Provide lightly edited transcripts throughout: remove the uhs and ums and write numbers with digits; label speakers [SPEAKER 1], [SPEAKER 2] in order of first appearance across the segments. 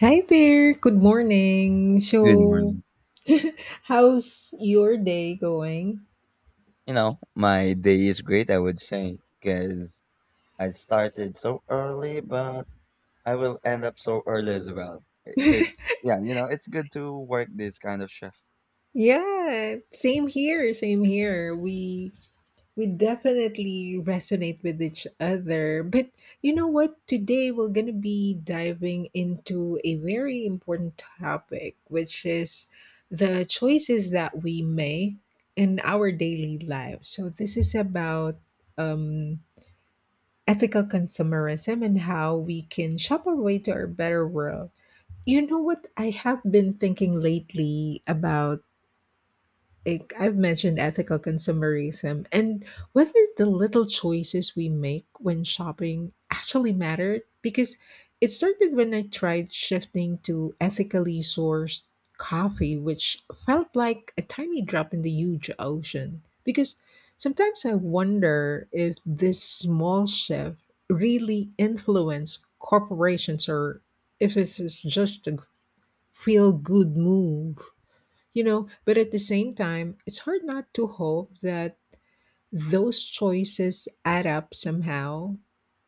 [SPEAKER 1] Hi there, good morning.
[SPEAKER 2] Good
[SPEAKER 1] So,
[SPEAKER 2] morning.
[SPEAKER 1] how's your day going?
[SPEAKER 2] You know, my day is great, I would say, because I started so early, but I will end up so early as well. It could, yeah, you know, it's good to work this kind of shift.
[SPEAKER 1] Yeah, same here. We definitely resonate with each other. But you know what? Today we're going to be diving into a very important topic, which is the choices that we make in our daily lives. So, this is about um ethical consumerism and how we can shop our way to a better world. You know what I have been thinking lately about, like I've mentioned ethical consumerism and whether the little choices we make when shopping actually matter, because it started when I tried shifting to ethically sourced coffee, which felt like a tiny drop in the huge ocean. Because sometimes I wonder if this small shift really influenced corporations or if it's just a feel good move, but at the same time it's hard not to hope that those choices add up somehow.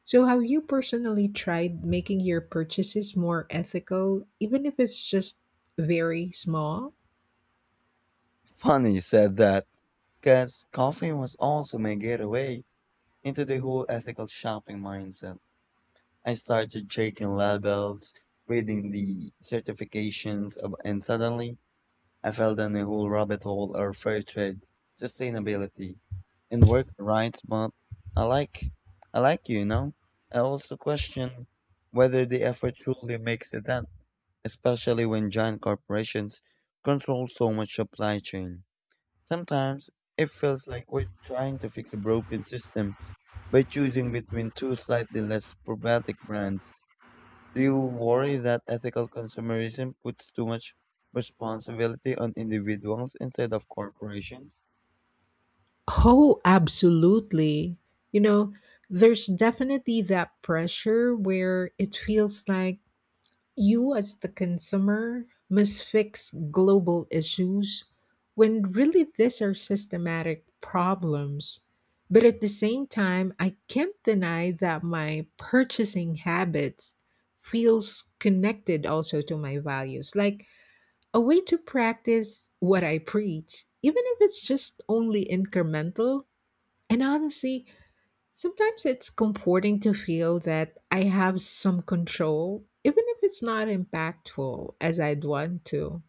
[SPEAKER 1] So have you personally tried making your purchases more ethical, even if it's just very small?
[SPEAKER 2] Funny you said that, because coffee was also my getaway into the whole ethical shopping mindset. I started checking labels, reading the certifications, of, and suddenly I fell down a whole rabbit hole of fair trade, sustainability, and work rights, but I like I like you you know. I also question whether the effort truly makes a dent, especially when giant corporations control so much supply chain. Sometimes it feels like we're trying to fix a broken system by choosing between two slightly less problematic brands. Do you worry that ethical consumerism puts too much responsibility on individuals instead of corporations?
[SPEAKER 1] Oh, absolutely. You know, there's definitely that pressure where it feels like you, as the consumer, must fix global issues when really these are systematic problems. But at the same time, I can't deny that my purchasing habits feels connected also to my values, like a way to practice what I preach, even if it's just only incremental. And honestly, sometimes it's comforting to feel that I have some control, even if it's not impactful as I'd want to.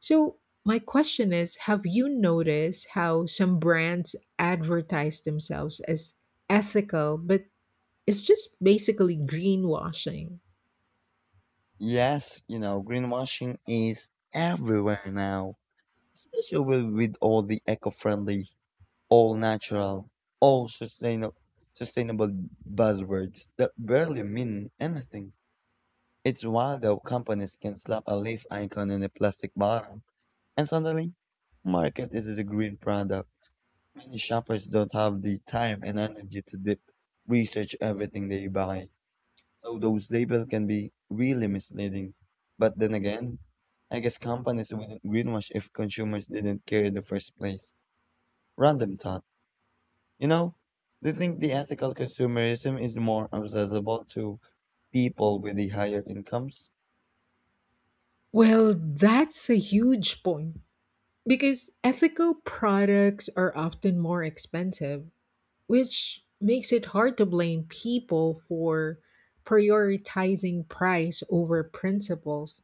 [SPEAKER 1] So, my question is, have you noticed how some brands advertise themselves as ethical, but it's just basically greenwashing?
[SPEAKER 2] Yes, you know, greenwashing is everywhere now, especially with all the eco-friendly, all natural, all sustainable buzzwords that barely mean anything. It's wild how companies can slap a leaf icon in a plastic bottle and suddenly market it as a green product. Many shoppers don't have the time and energy to deep research everything they buy, so those labels can be really misleading. But then again, I guess companies wouldn't greenwash if consumers didn't care in the first place. Random thought. You know, do you think the ethical consumerism is more accessible to people with the higher incomes?
[SPEAKER 1] Well, that's a huge point because ethical products are often more expensive, which makes it hard to blame people for prioritizing price over principles,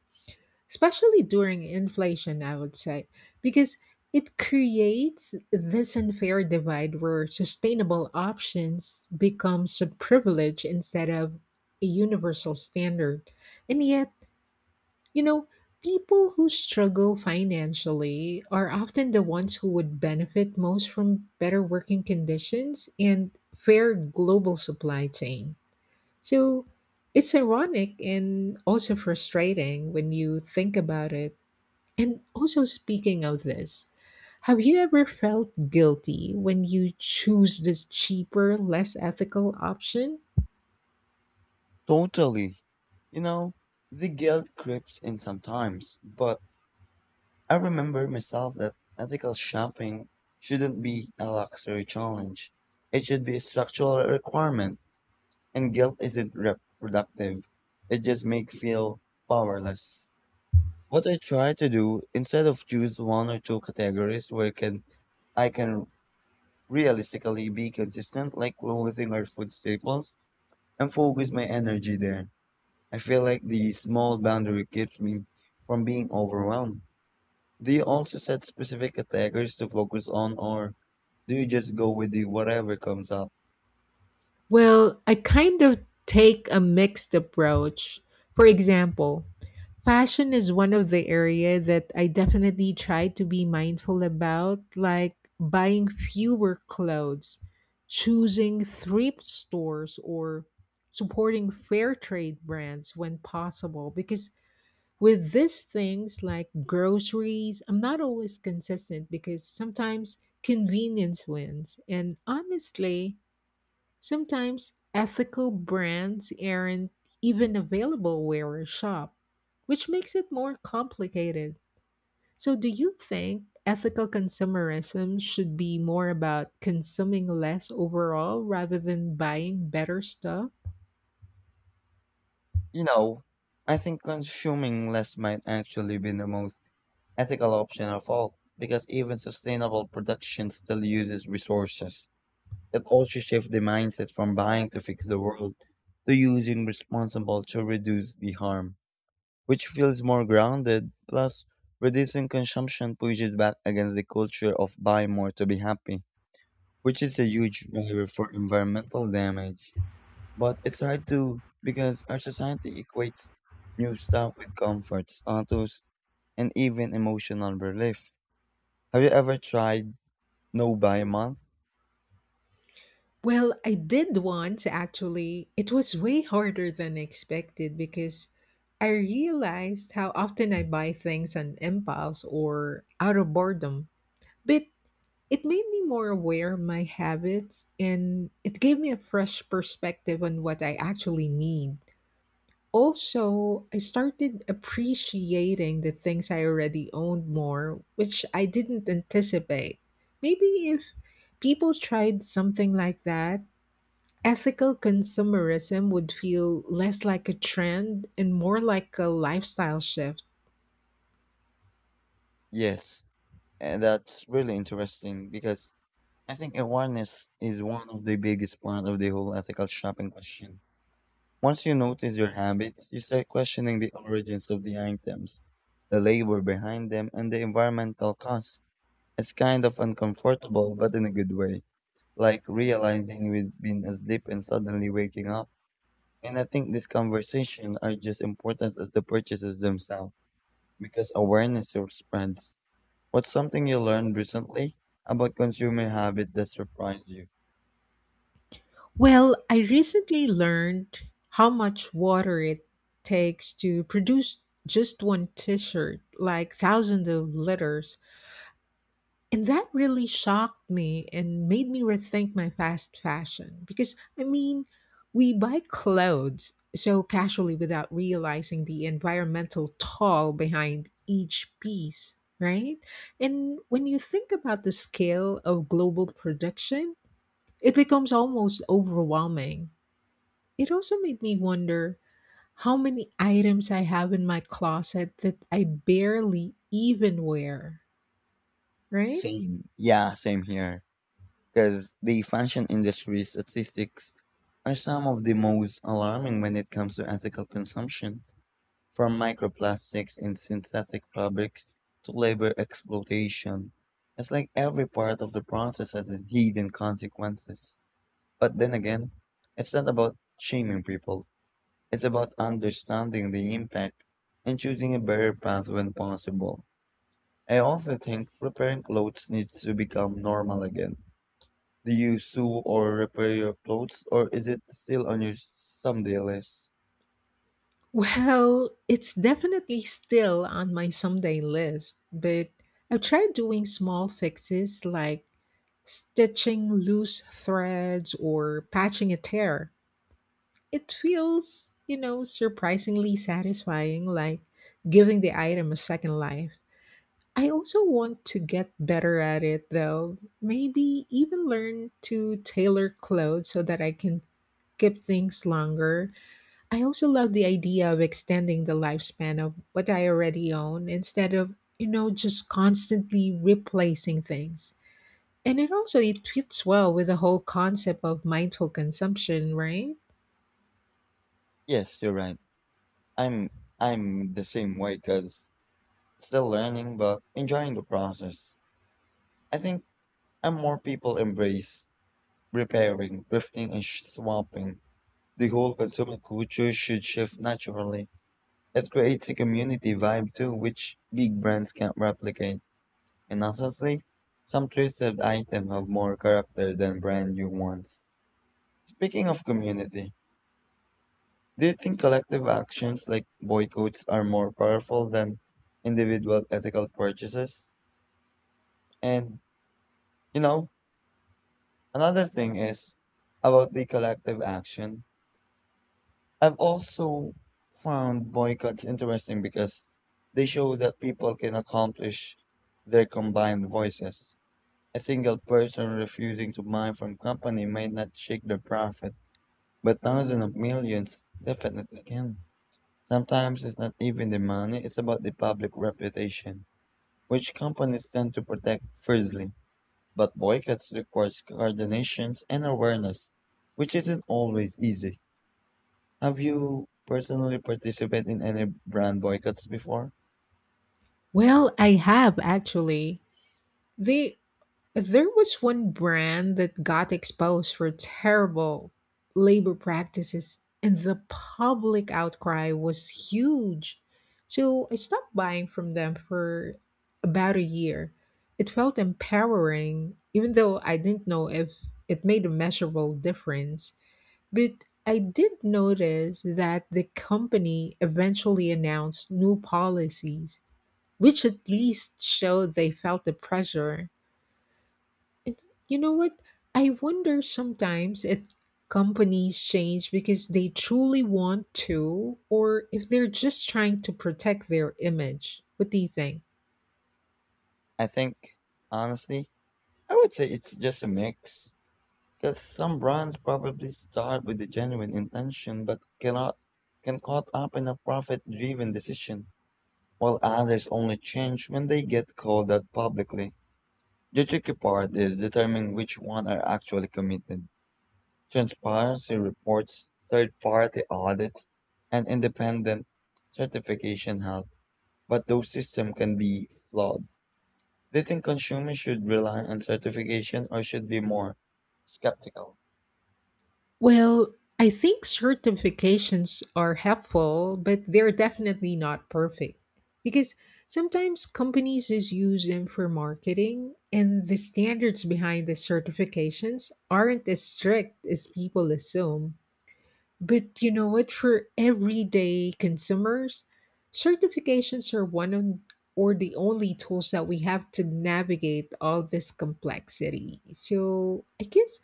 [SPEAKER 1] especially during inflation, I would say, because it creates this unfair divide where sustainable options become a privilege instead of a universal standard. And yet, you know, people who struggle financially are often the ones who would benefit most from better working conditions and fair global supply chain. So it's ironic and also frustrating when you think about it. And also, speaking of this, have you ever felt guilty when you choose this cheaper, less ethical option?
[SPEAKER 2] Totally. You know, the guilt creeps in sometimes, but I remember myself that ethical shopping shouldn't be a luxury challenge. It should be a structural requirement, and guilt isn't reproductive. It just makes feel powerless. What I try to do instead of choose one or two categories where can I can realistically be consistent, like clothing or food staples, and focus my energy there. I feel like the small boundary keeps me from being overwhelmed. Do you also set specific attackers to focus on, or do you just go with the whatever comes up?
[SPEAKER 1] Well, I kind of take a mixed approach. For example, fashion is one of the area that I definitely try to be mindful about, like buying fewer clothes, choosing thrift stores or supporting fair trade brands when possible, because with these things like groceries, I'm not always consistent because sometimes convenience wins. And honestly, sometimes ethical brands aren't even available where I shop, which makes it more complicated. So, do you think ethical consumerism should be more about consuming less overall rather than buying better stuff?
[SPEAKER 2] You know, I think consuming less might actually be the most ethical option of all, because even sustainable production still uses resources. It also shifts the mindset from buying to fix the world to using responsible to reduce the harm, which feels more grounded. Plus, reducing consumption pushes back against the culture of buy more to be happy, which is a huge driver for environmental damage. But it's hard to because our society equates new stuff with comfort, status, and even emotional relief. Have you ever tried no buy month?
[SPEAKER 1] Well, I did once actually. It was way harder than expected because I realized how often I buy things on impulse or out of boredom. But it made me more aware of my habits and it gave me a fresh perspective on what I actually need. Also, I started appreciating the things I already owned more, which I didn't anticipate. Maybe if people tried something like that, ethical consumerism would feel less like a trend and more like a lifestyle shift.
[SPEAKER 2] Yes, and that's really interesting because I think awareness is one of the biggest part of the whole ethical shopping question. Once you notice your habits, you start questioning the origins of the items, the labor behind them, and the environmental cost. It's kind of uncomfortable, but in a good way. Like realizing we've been asleep and suddenly waking up. And I think these conversations are just important as the purchases themselves, because awareness spreads. What's something you learned recently about consumer habit that surprised you?
[SPEAKER 1] Well, I recently learned how much water it takes to produce just one t shirt, like thousands of liters. And that really shocked me and made me rethink my fast fashion. Because, I mean, we buy clothes so casually without realizing the environmental toll behind each piece, right? And when you think about the scale of global production, it becomes almost overwhelming. It also made me wonder how many items I have in my closet that I barely even wear, right?
[SPEAKER 2] Same. Yeah, same here. Because the fashion industry statistics are some of the most alarming when it comes to ethical consumption. From microplastics in synthetic fabrics to labor exploitation, it's like every part of the process has a hidden consequences. But then again, it's not about shaming people. It's about understanding the impact and choosing a better path when possible. I also think repairing clothes needs to become normal again. Do you sew or repair your clothes, or is it still on your someday list?
[SPEAKER 1] Well, it's definitely still on my someday list, but I've tried doing small fixes like stitching loose threads or patching a tear. It feels, you know, surprisingly satisfying, like giving the item a second life. I also want to get better at it though. Maybe even learn to tailor clothes so that I can keep things longer. I also love the idea of extending the lifespan of what I already own instead of, you know, just constantly replacing things. And it also it fits well with the whole concept of mindful consumption, right?
[SPEAKER 2] Yes, you're right. I'm I'm the same way because still learning, but enjoying the process. I think and more people embrace repairing, thrifting, and swapping. The whole consumer culture should shift naturally. It creates a community vibe too, which big brands can't replicate. And honestly, some thrifted items have more character than brand new ones. Speaking of community, do you think collective actions like boycotts are more powerful than individual ethical purchases? And you know, another thing is about the collective action. I've also found boycotts interesting because they show that people can accomplish their combined voices. A single person refusing to buy from company may not shake their profit, but thousands of millions definitely can. Sometimes it's not even the money, it's about the public reputation, which companies tend to protect fiercely. But boycotts requires coordination and awareness, which isn't always easy. Have you personally participated in any brand boycotts before?
[SPEAKER 1] Well, I have actually. They There was one brand that got exposed for terrible labor practices, and the public outcry was huge. So I stopped buying from them for about a year. It felt empowering, even though I didn't know if it made a measurable difference. But I did notice that the company eventually announced new policies, which at least showed they felt the pressure. It's, you know what? I wonder sometimes if companies change because they truly want to, or if they're just trying to protect their image. What do you think?
[SPEAKER 2] I think, honestly, I would say it's just a mix. Because some brands probably start with a genuine intention but cannot can caught up in a profit driven decision, while others only change when they get called out publicly. The tricky part is determining which one are actually committed. Transparency reports, third-party audits, and independent certification help, but those systems can be flawed. Do you think consumers should rely on certification or should be more skeptical?
[SPEAKER 1] Well, I think certifications are helpful, but they're definitely not perfect. Because sometimes companies just use them for marketing, and the standards behind the certifications aren't as strict as people assume. But you know what? For everyday consumers, certifications are one of, or the only tools that we have to navigate all this complexity. So I guess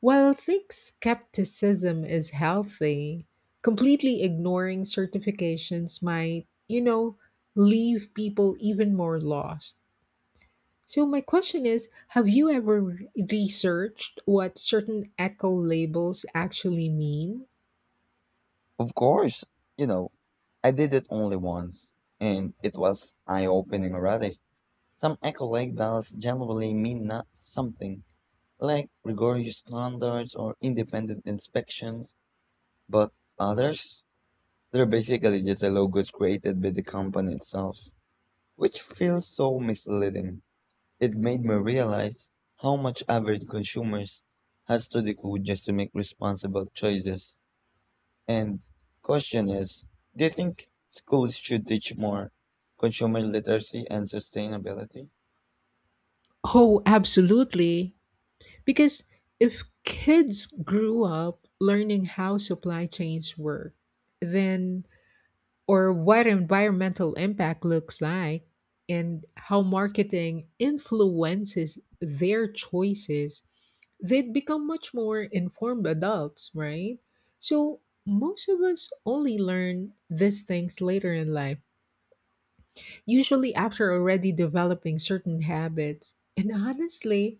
[SPEAKER 1] while I think skepticism is healthy, completely ignoring certifications might, you know, leave people even more lost. So my question is, have you ever researched what certain eco labels actually mean?
[SPEAKER 2] Of course, you know, I did it only once, and it was eye-opening already. Some eco-like ballots generally mean not something, like rigorous standards or independent inspections, but others, they're basically just a logos created by the company itself, which feels so misleading. It made me realize how much average consumers has to decode just to make responsible choices. And question is, do you think schools should teach more consumer literacy and sustainability?
[SPEAKER 1] Oh, absolutely. Because if kids grew up learning how supply chains work, then, or what environmental impact looks like, and how marketing influences their choices, they'd become much more informed adults, right? So, most of us only learn these things later in life, usually after already developing certain habits. And honestly,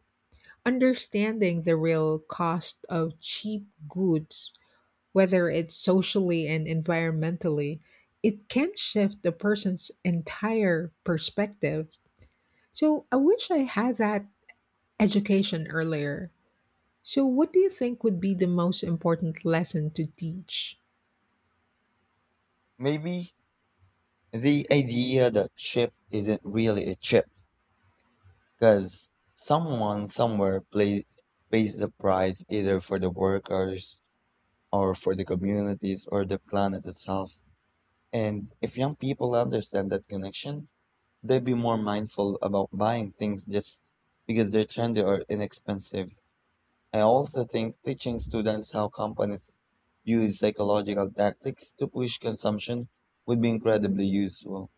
[SPEAKER 1] understanding the real cost of cheap goods, whether it's socially and environmentally, it can shift the person's entire perspective. So I wish I had that education earlier. So, what do you think would be the most important lesson to teach?
[SPEAKER 2] Maybe the idea that chip isn't really a chip, because someone somewhere pays the price either for the workers or for the communities or the planet itself. And if young people understand that connection, they'd be more mindful about buying things just because they're trendy or inexpensive. I also think teaching students how companies use psychological tactics to push consumption would be incredibly useful.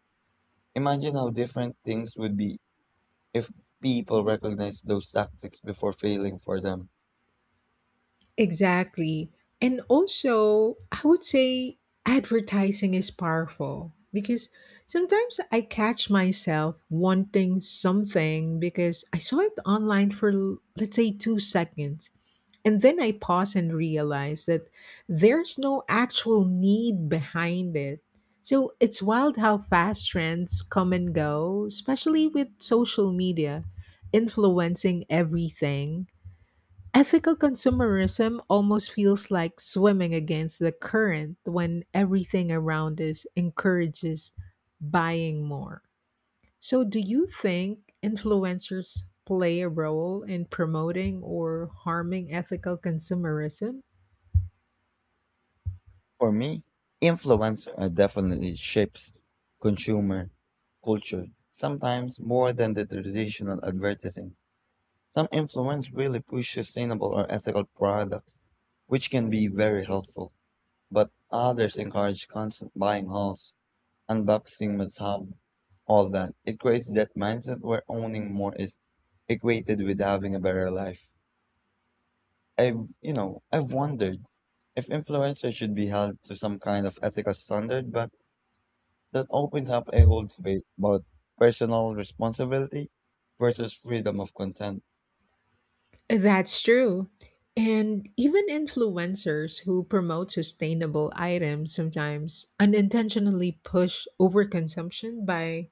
[SPEAKER 2] Imagine how different things would be if people recognized those tactics before failing for them.
[SPEAKER 1] Exactly. And also, I would say advertising is powerful because sometimes I catch myself wanting something because I saw it online for, let's say, 2 seconds. And then I pause and realize that there's no actual need behind it. So it's wild how fast trends come and go, especially with social media influencing everything. Ethical consumerism almost feels like swimming against the current when everything around us encourages buying more. So, do you think influencers play a role in promoting or harming ethical consumerism?
[SPEAKER 2] For me, influence definitely shapes consumer culture, sometimes more than the traditional advertising. Some influence really push sustainable or ethical products, which can be very helpful, but others encourage constant buying hauls, unboxing must all that. It creates that mindset where owning more is equated with having a better life. I've, I've wondered if influencers should be held to some kind of ethical standard, but that opens up a whole debate about personal responsibility versus freedom of content.
[SPEAKER 1] That's true. And even influencers who promote sustainable items sometimes unintentionally push overconsumption by,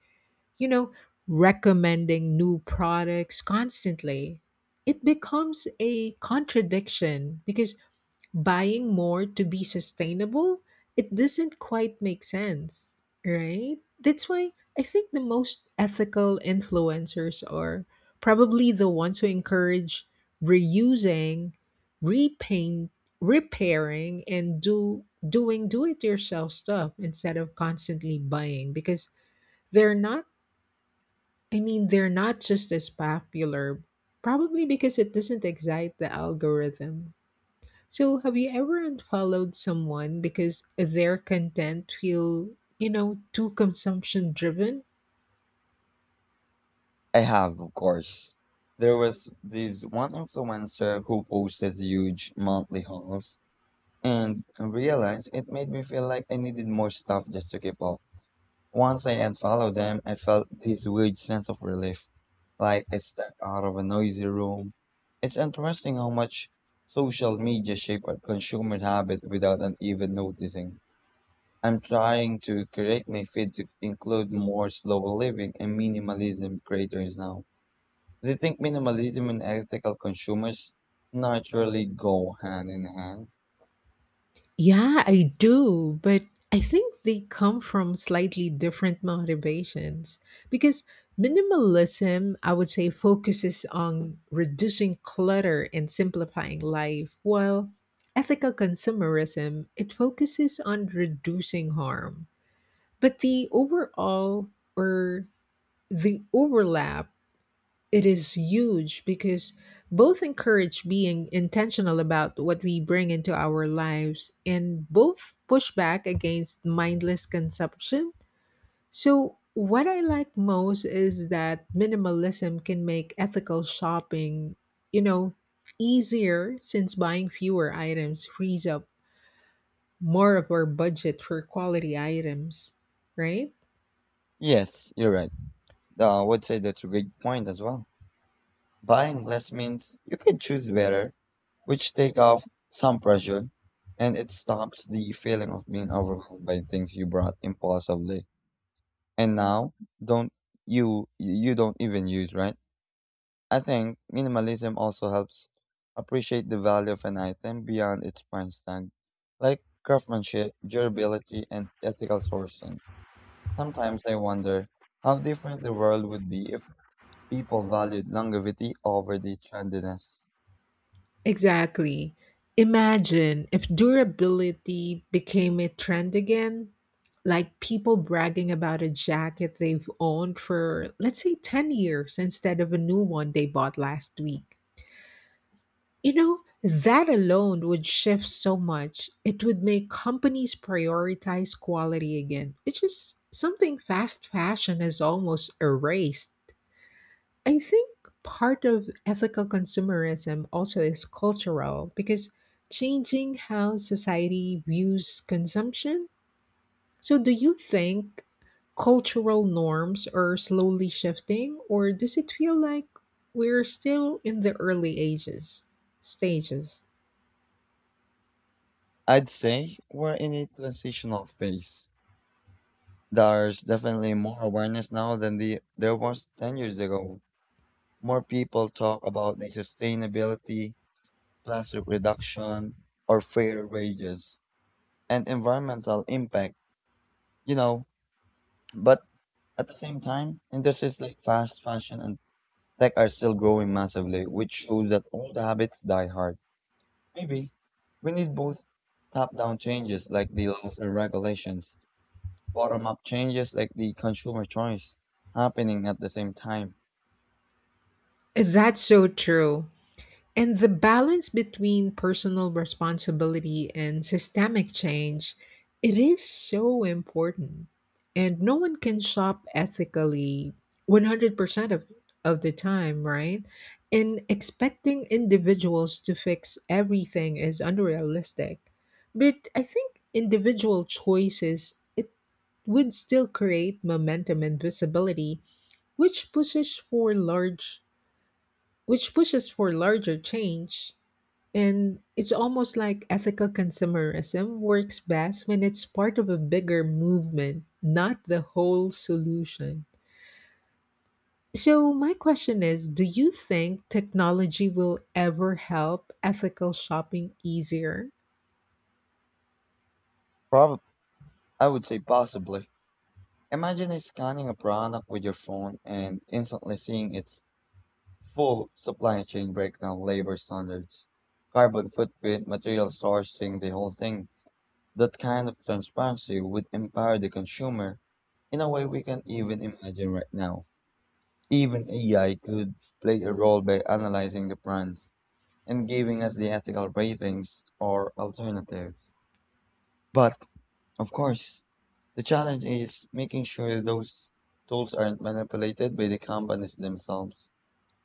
[SPEAKER 1] you know, recommending new products constantly. It becomes a contradiction because buying more to be sustainable, it doesn't quite make sense, right? That's why I think the most ethical influencers are probably the ones who encourage reusing, repaint, repairing and do doing do it yourself stuff instead of constantly buying, because they're not I mean they're not just as popular probably because it doesn't excite the algorithm. So, have you ever unfollowed someone because their content feel, you know, too consumption driven?
[SPEAKER 2] I have, of course. There was this one influencer who posted huge monthly hauls, and I realized it made me feel like I needed more stuff just to keep up. Once I unfollowed them, I felt this weird sense of relief, like I stepped out of a noisy room. It's interesting how much social media shaped our consumer habit without an even noticing. I'm trying to correct my feed to include more slower living and minimalism creators now. Do you think minimalism and ethical consumers naturally go hand in hand?
[SPEAKER 1] Yeah, I do, but I think they come from slightly different motivations because minimalism, I would say, focuses on reducing clutter and simplifying life, while ethical consumerism, it focuses on reducing harm. But the overall or the overlap it is huge because both encourage being intentional about what we bring into our lives and both push back against mindless consumption. So, what I like most is that minimalism can make ethical shopping, you know, easier since buying fewer items frees up more of our budget for quality items, right?
[SPEAKER 2] Yes, you're right. I would say that's a great point as well. Buying less means you can choose better, which take off some pressure, and it stops the feeling of being overwhelmed by things you bought impulsively. And now, don't you don't even use, right? I think minimalism also helps appreciate the value of an item beyond its price tag, like craftsmanship, durability, and ethical sourcing. Sometimes I wonder how different the world would be if people valued longevity over the trendiness.
[SPEAKER 1] Exactly. Imagine if durability became a trend again, like people bragging about a jacket they've owned for, let's say, 10 years instead of a new one they bought last week. You know, that alone would shift so much. It would make companies prioritize quality again, which is something fast fashion has almost erased. I think part of ethical consumerism also is cultural because changing how society views consumption. So, do you think cultural norms are slowly shifting, or does it feel like we're still in the early ages stages?
[SPEAKER 2] I'd say we're in a transitional phase. There's definitely more awareness now than there was 10 years ago. More people talk about the sustainability, plastic reduction, or fair wages, and environmental impact, you know. But at the same time, industries like fast fashion and tech are still growing massively, which shows that old habits die hard. Maybe we need both top down changes like the laws and regulations, bottom up changes like the consumer choice happening at the same time.
[SPEAKER 1] That's so true. And the balance between personal responsibility and systemic change, it is so important. And no one can shop ethically 100% of the time, right? And expecting individuals to fix everything is unrealistic. But I think individual choices, it would still create momentum and visibility, which pushes for large which pushes for larger change, and it's almost like ethical consumerism works best when it's part of a bigger movement, not the whole solution. So, my question is, do you think technology will ever help ethical shopping easier?
[SPEAKER 2] Probably, I would say possibly. Imagine scanning a product with your phone and instantly seeing its full supply chain breakdown, labor standards, carbon footprint, material sourcing, the whole thing. That kind of transparency would empower the consumer in a way we can even imagine right now. Even AI could play a role by analyzing the brands and giving us the ethical ratings or alternatives. But, of course, the challenge is making sure those tools aren't manipulated by the companies themselves.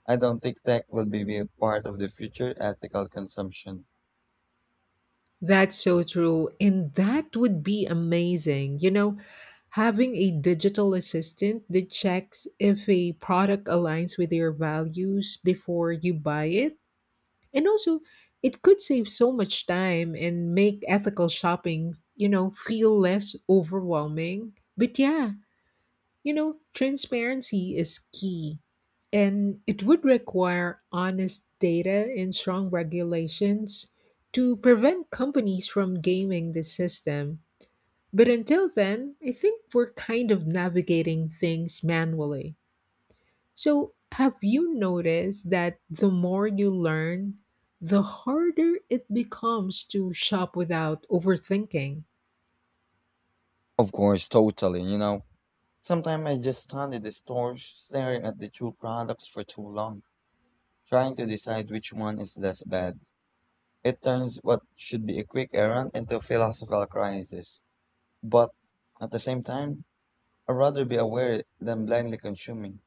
[SPEAKER 2] I don't think tech will be a part of the future ethical consumption.
[SPEAKER 1] That's so true. And that would be amazing. You know, having a digital assistant that checks if a product aligns with your values before you buy it. And also, it could save so much time and make ethical shopping, you know, feel less overwhelming. But yeah, you know, transparency is key, and it would require honest data and strong regulations to prevent companies from gaming the system. But until then, I think we're kind of navigating things manually. So, have you noticed that the more you learn, the harder it becomes to shop without overthinking?
[SPEAKER 2] Of course, totally, you know. Sometimes I just stand at the store staring at the two products for too long, trying to decide which one is less bad. It turns what should be a quick errand into a philosophical crisis. But at the same time, I'd rather be aware than blindly consuming.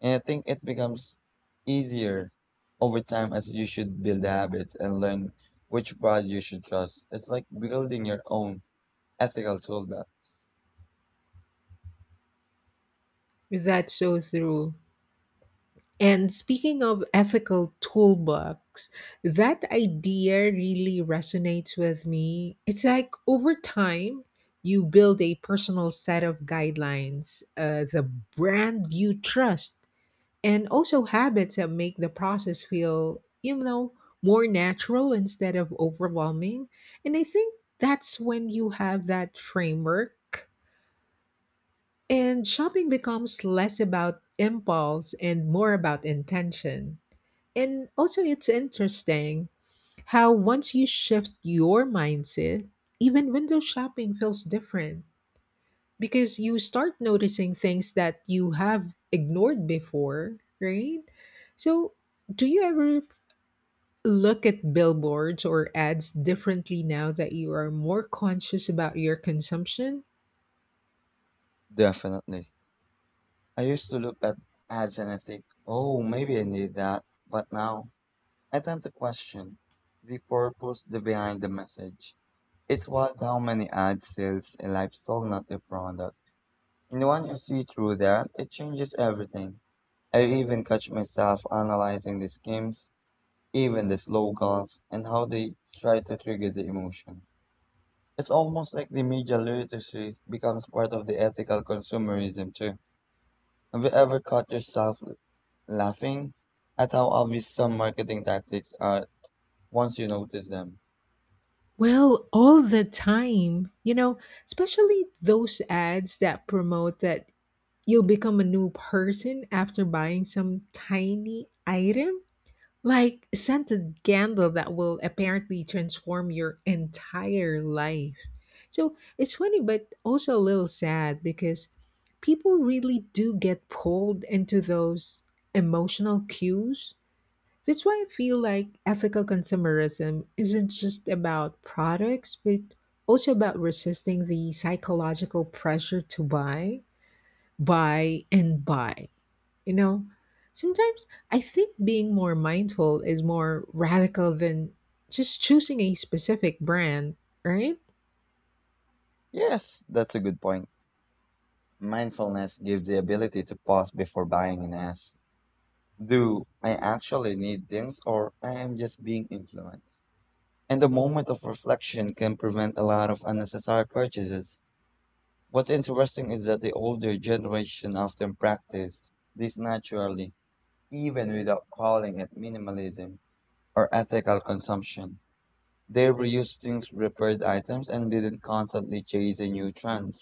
[SPEAKER 2] And I think it becomes easier over time as you should build habits and learn which brand you should trust. It's like building your own ethical toolbar.
[SPEAKER 1] That's so true. And speaking of ethical toolbox, that idea really resonates with me. It's like over time, you build a personal set of guidelines, the brand you trust, and also habits that make the process feel, you know, more natural instead of overwhelming. And I think that's when you have that framework. And shopping becomes less about impulse and more about intention. And also, it's interesting how once you shift your mindset, even window shopping feels different because you start noticing things that you have ignored before, right? So, do you ever look at billboards or ads differently now that you are more conscious about your consumption?
[SPEAKER 2] Definitely. I used to look at ads and I think, oh, maybe I need that. But now I tend to question the purpose the behind the message. It's what how many ads sells a lifestyle, not a product. And when you see through that, it changes everything. I even catch myself analyzing the schemes, even the slogans, and how they try to trigger the emotion. It's almost like the media literacy becomes part of the ethical consumerism too. Have you ever caught yourself laughing at how obvious some marketing tactics are once you notice them?
[SPEAKER 1] Well, all the time, you know, especially those ads that promote that you'll become a new person after buying some tiny item, like a scented candle that will apparently transform your entire life. So it's funny but also a little sad because people really do get pulled into those emotional cues. That's why I feel like ethical consumerism isn't just about products but also about resisting the psychological pressure to buy and buy. You know, sometimes I think being more mindful is more radical than just choosing a specific brand, right?
[SPEAKER 2] Yes, that's a good point. Mindfulness gives the ability to pause before buying and ask, do I actually need things or I am just being influenced? And the moment of reflection can prevent a lot of unnecessary purchases. What's interesting is that the older generation often practice this naturally, even without calling it minimalism or ethical consumption. They reused things, repaired items, and didn't constantly chase a new trend.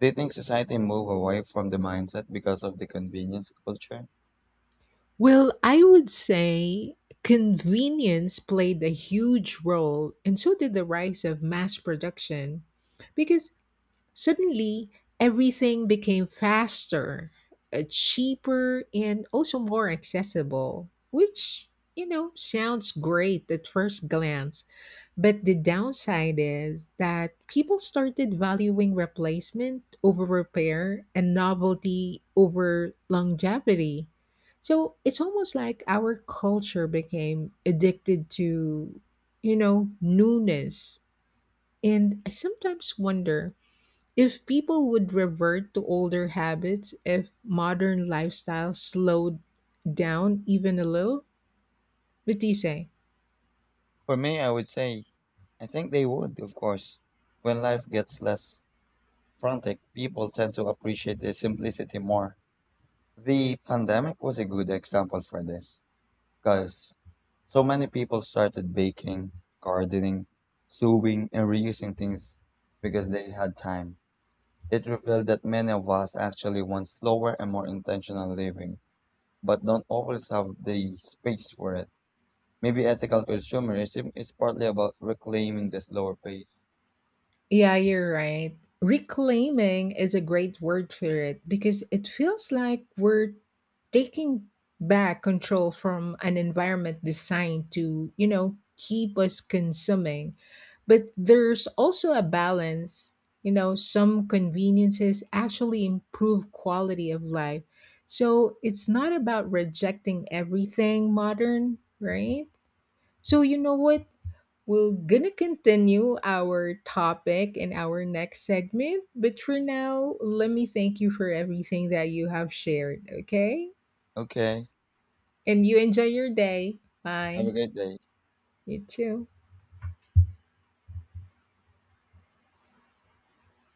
[SPEAKER 2] Do you think society moved away from the mindset because of the convenience culture?
[SPEAKER 1] Well, I would say convenience played a huge role, and so did the rise of mass production. Because suddenly, everything became faster, cheaper, and also more accessible, which, you know, sounds great at first glance. But the downside is that people started valuing replacement over repair and novelty over longevity. So it's almost like our culture became addicted to, you know, newness. And I sometimes wonder if people would revert to older habits, if modern lifestyles slowed down even a little, what do you say?
[SPEAKER 2] For me, I would say, I think they would, of course. When life gets less frantic, people tend to appreciate the simplicity more. The pandemic was a good example for this, because so many people started baking, gardening, sewing, and reusing things because they had time. It revealed that many of us actually want slower and more intentional living, but don't always have the space for it. Maybe ethical consumerism is partly about reclaiming the slower pace.
[SPEAKER 1] Yeah, you're right. Reclaiming is a great word for it because it feels like we're taking back control from an environment designed to, you know, keep us consuming. But there's also a balance. You know, some conveniences actually improve quality of life. So it's not about rejecting everything modern, right? So, you know what? We're gonna continue our topic in our next segment, but for now, let me thank you for everything that you have shared, okay?
[SPEAKER 2] Okay,
[SPEAKER 1] And you enjoy your day.
[SPEAKER 2] have
[SPEAKER 1] Bye.
[SPEAKER 2] a great day.
[SPEAKER 1] You too.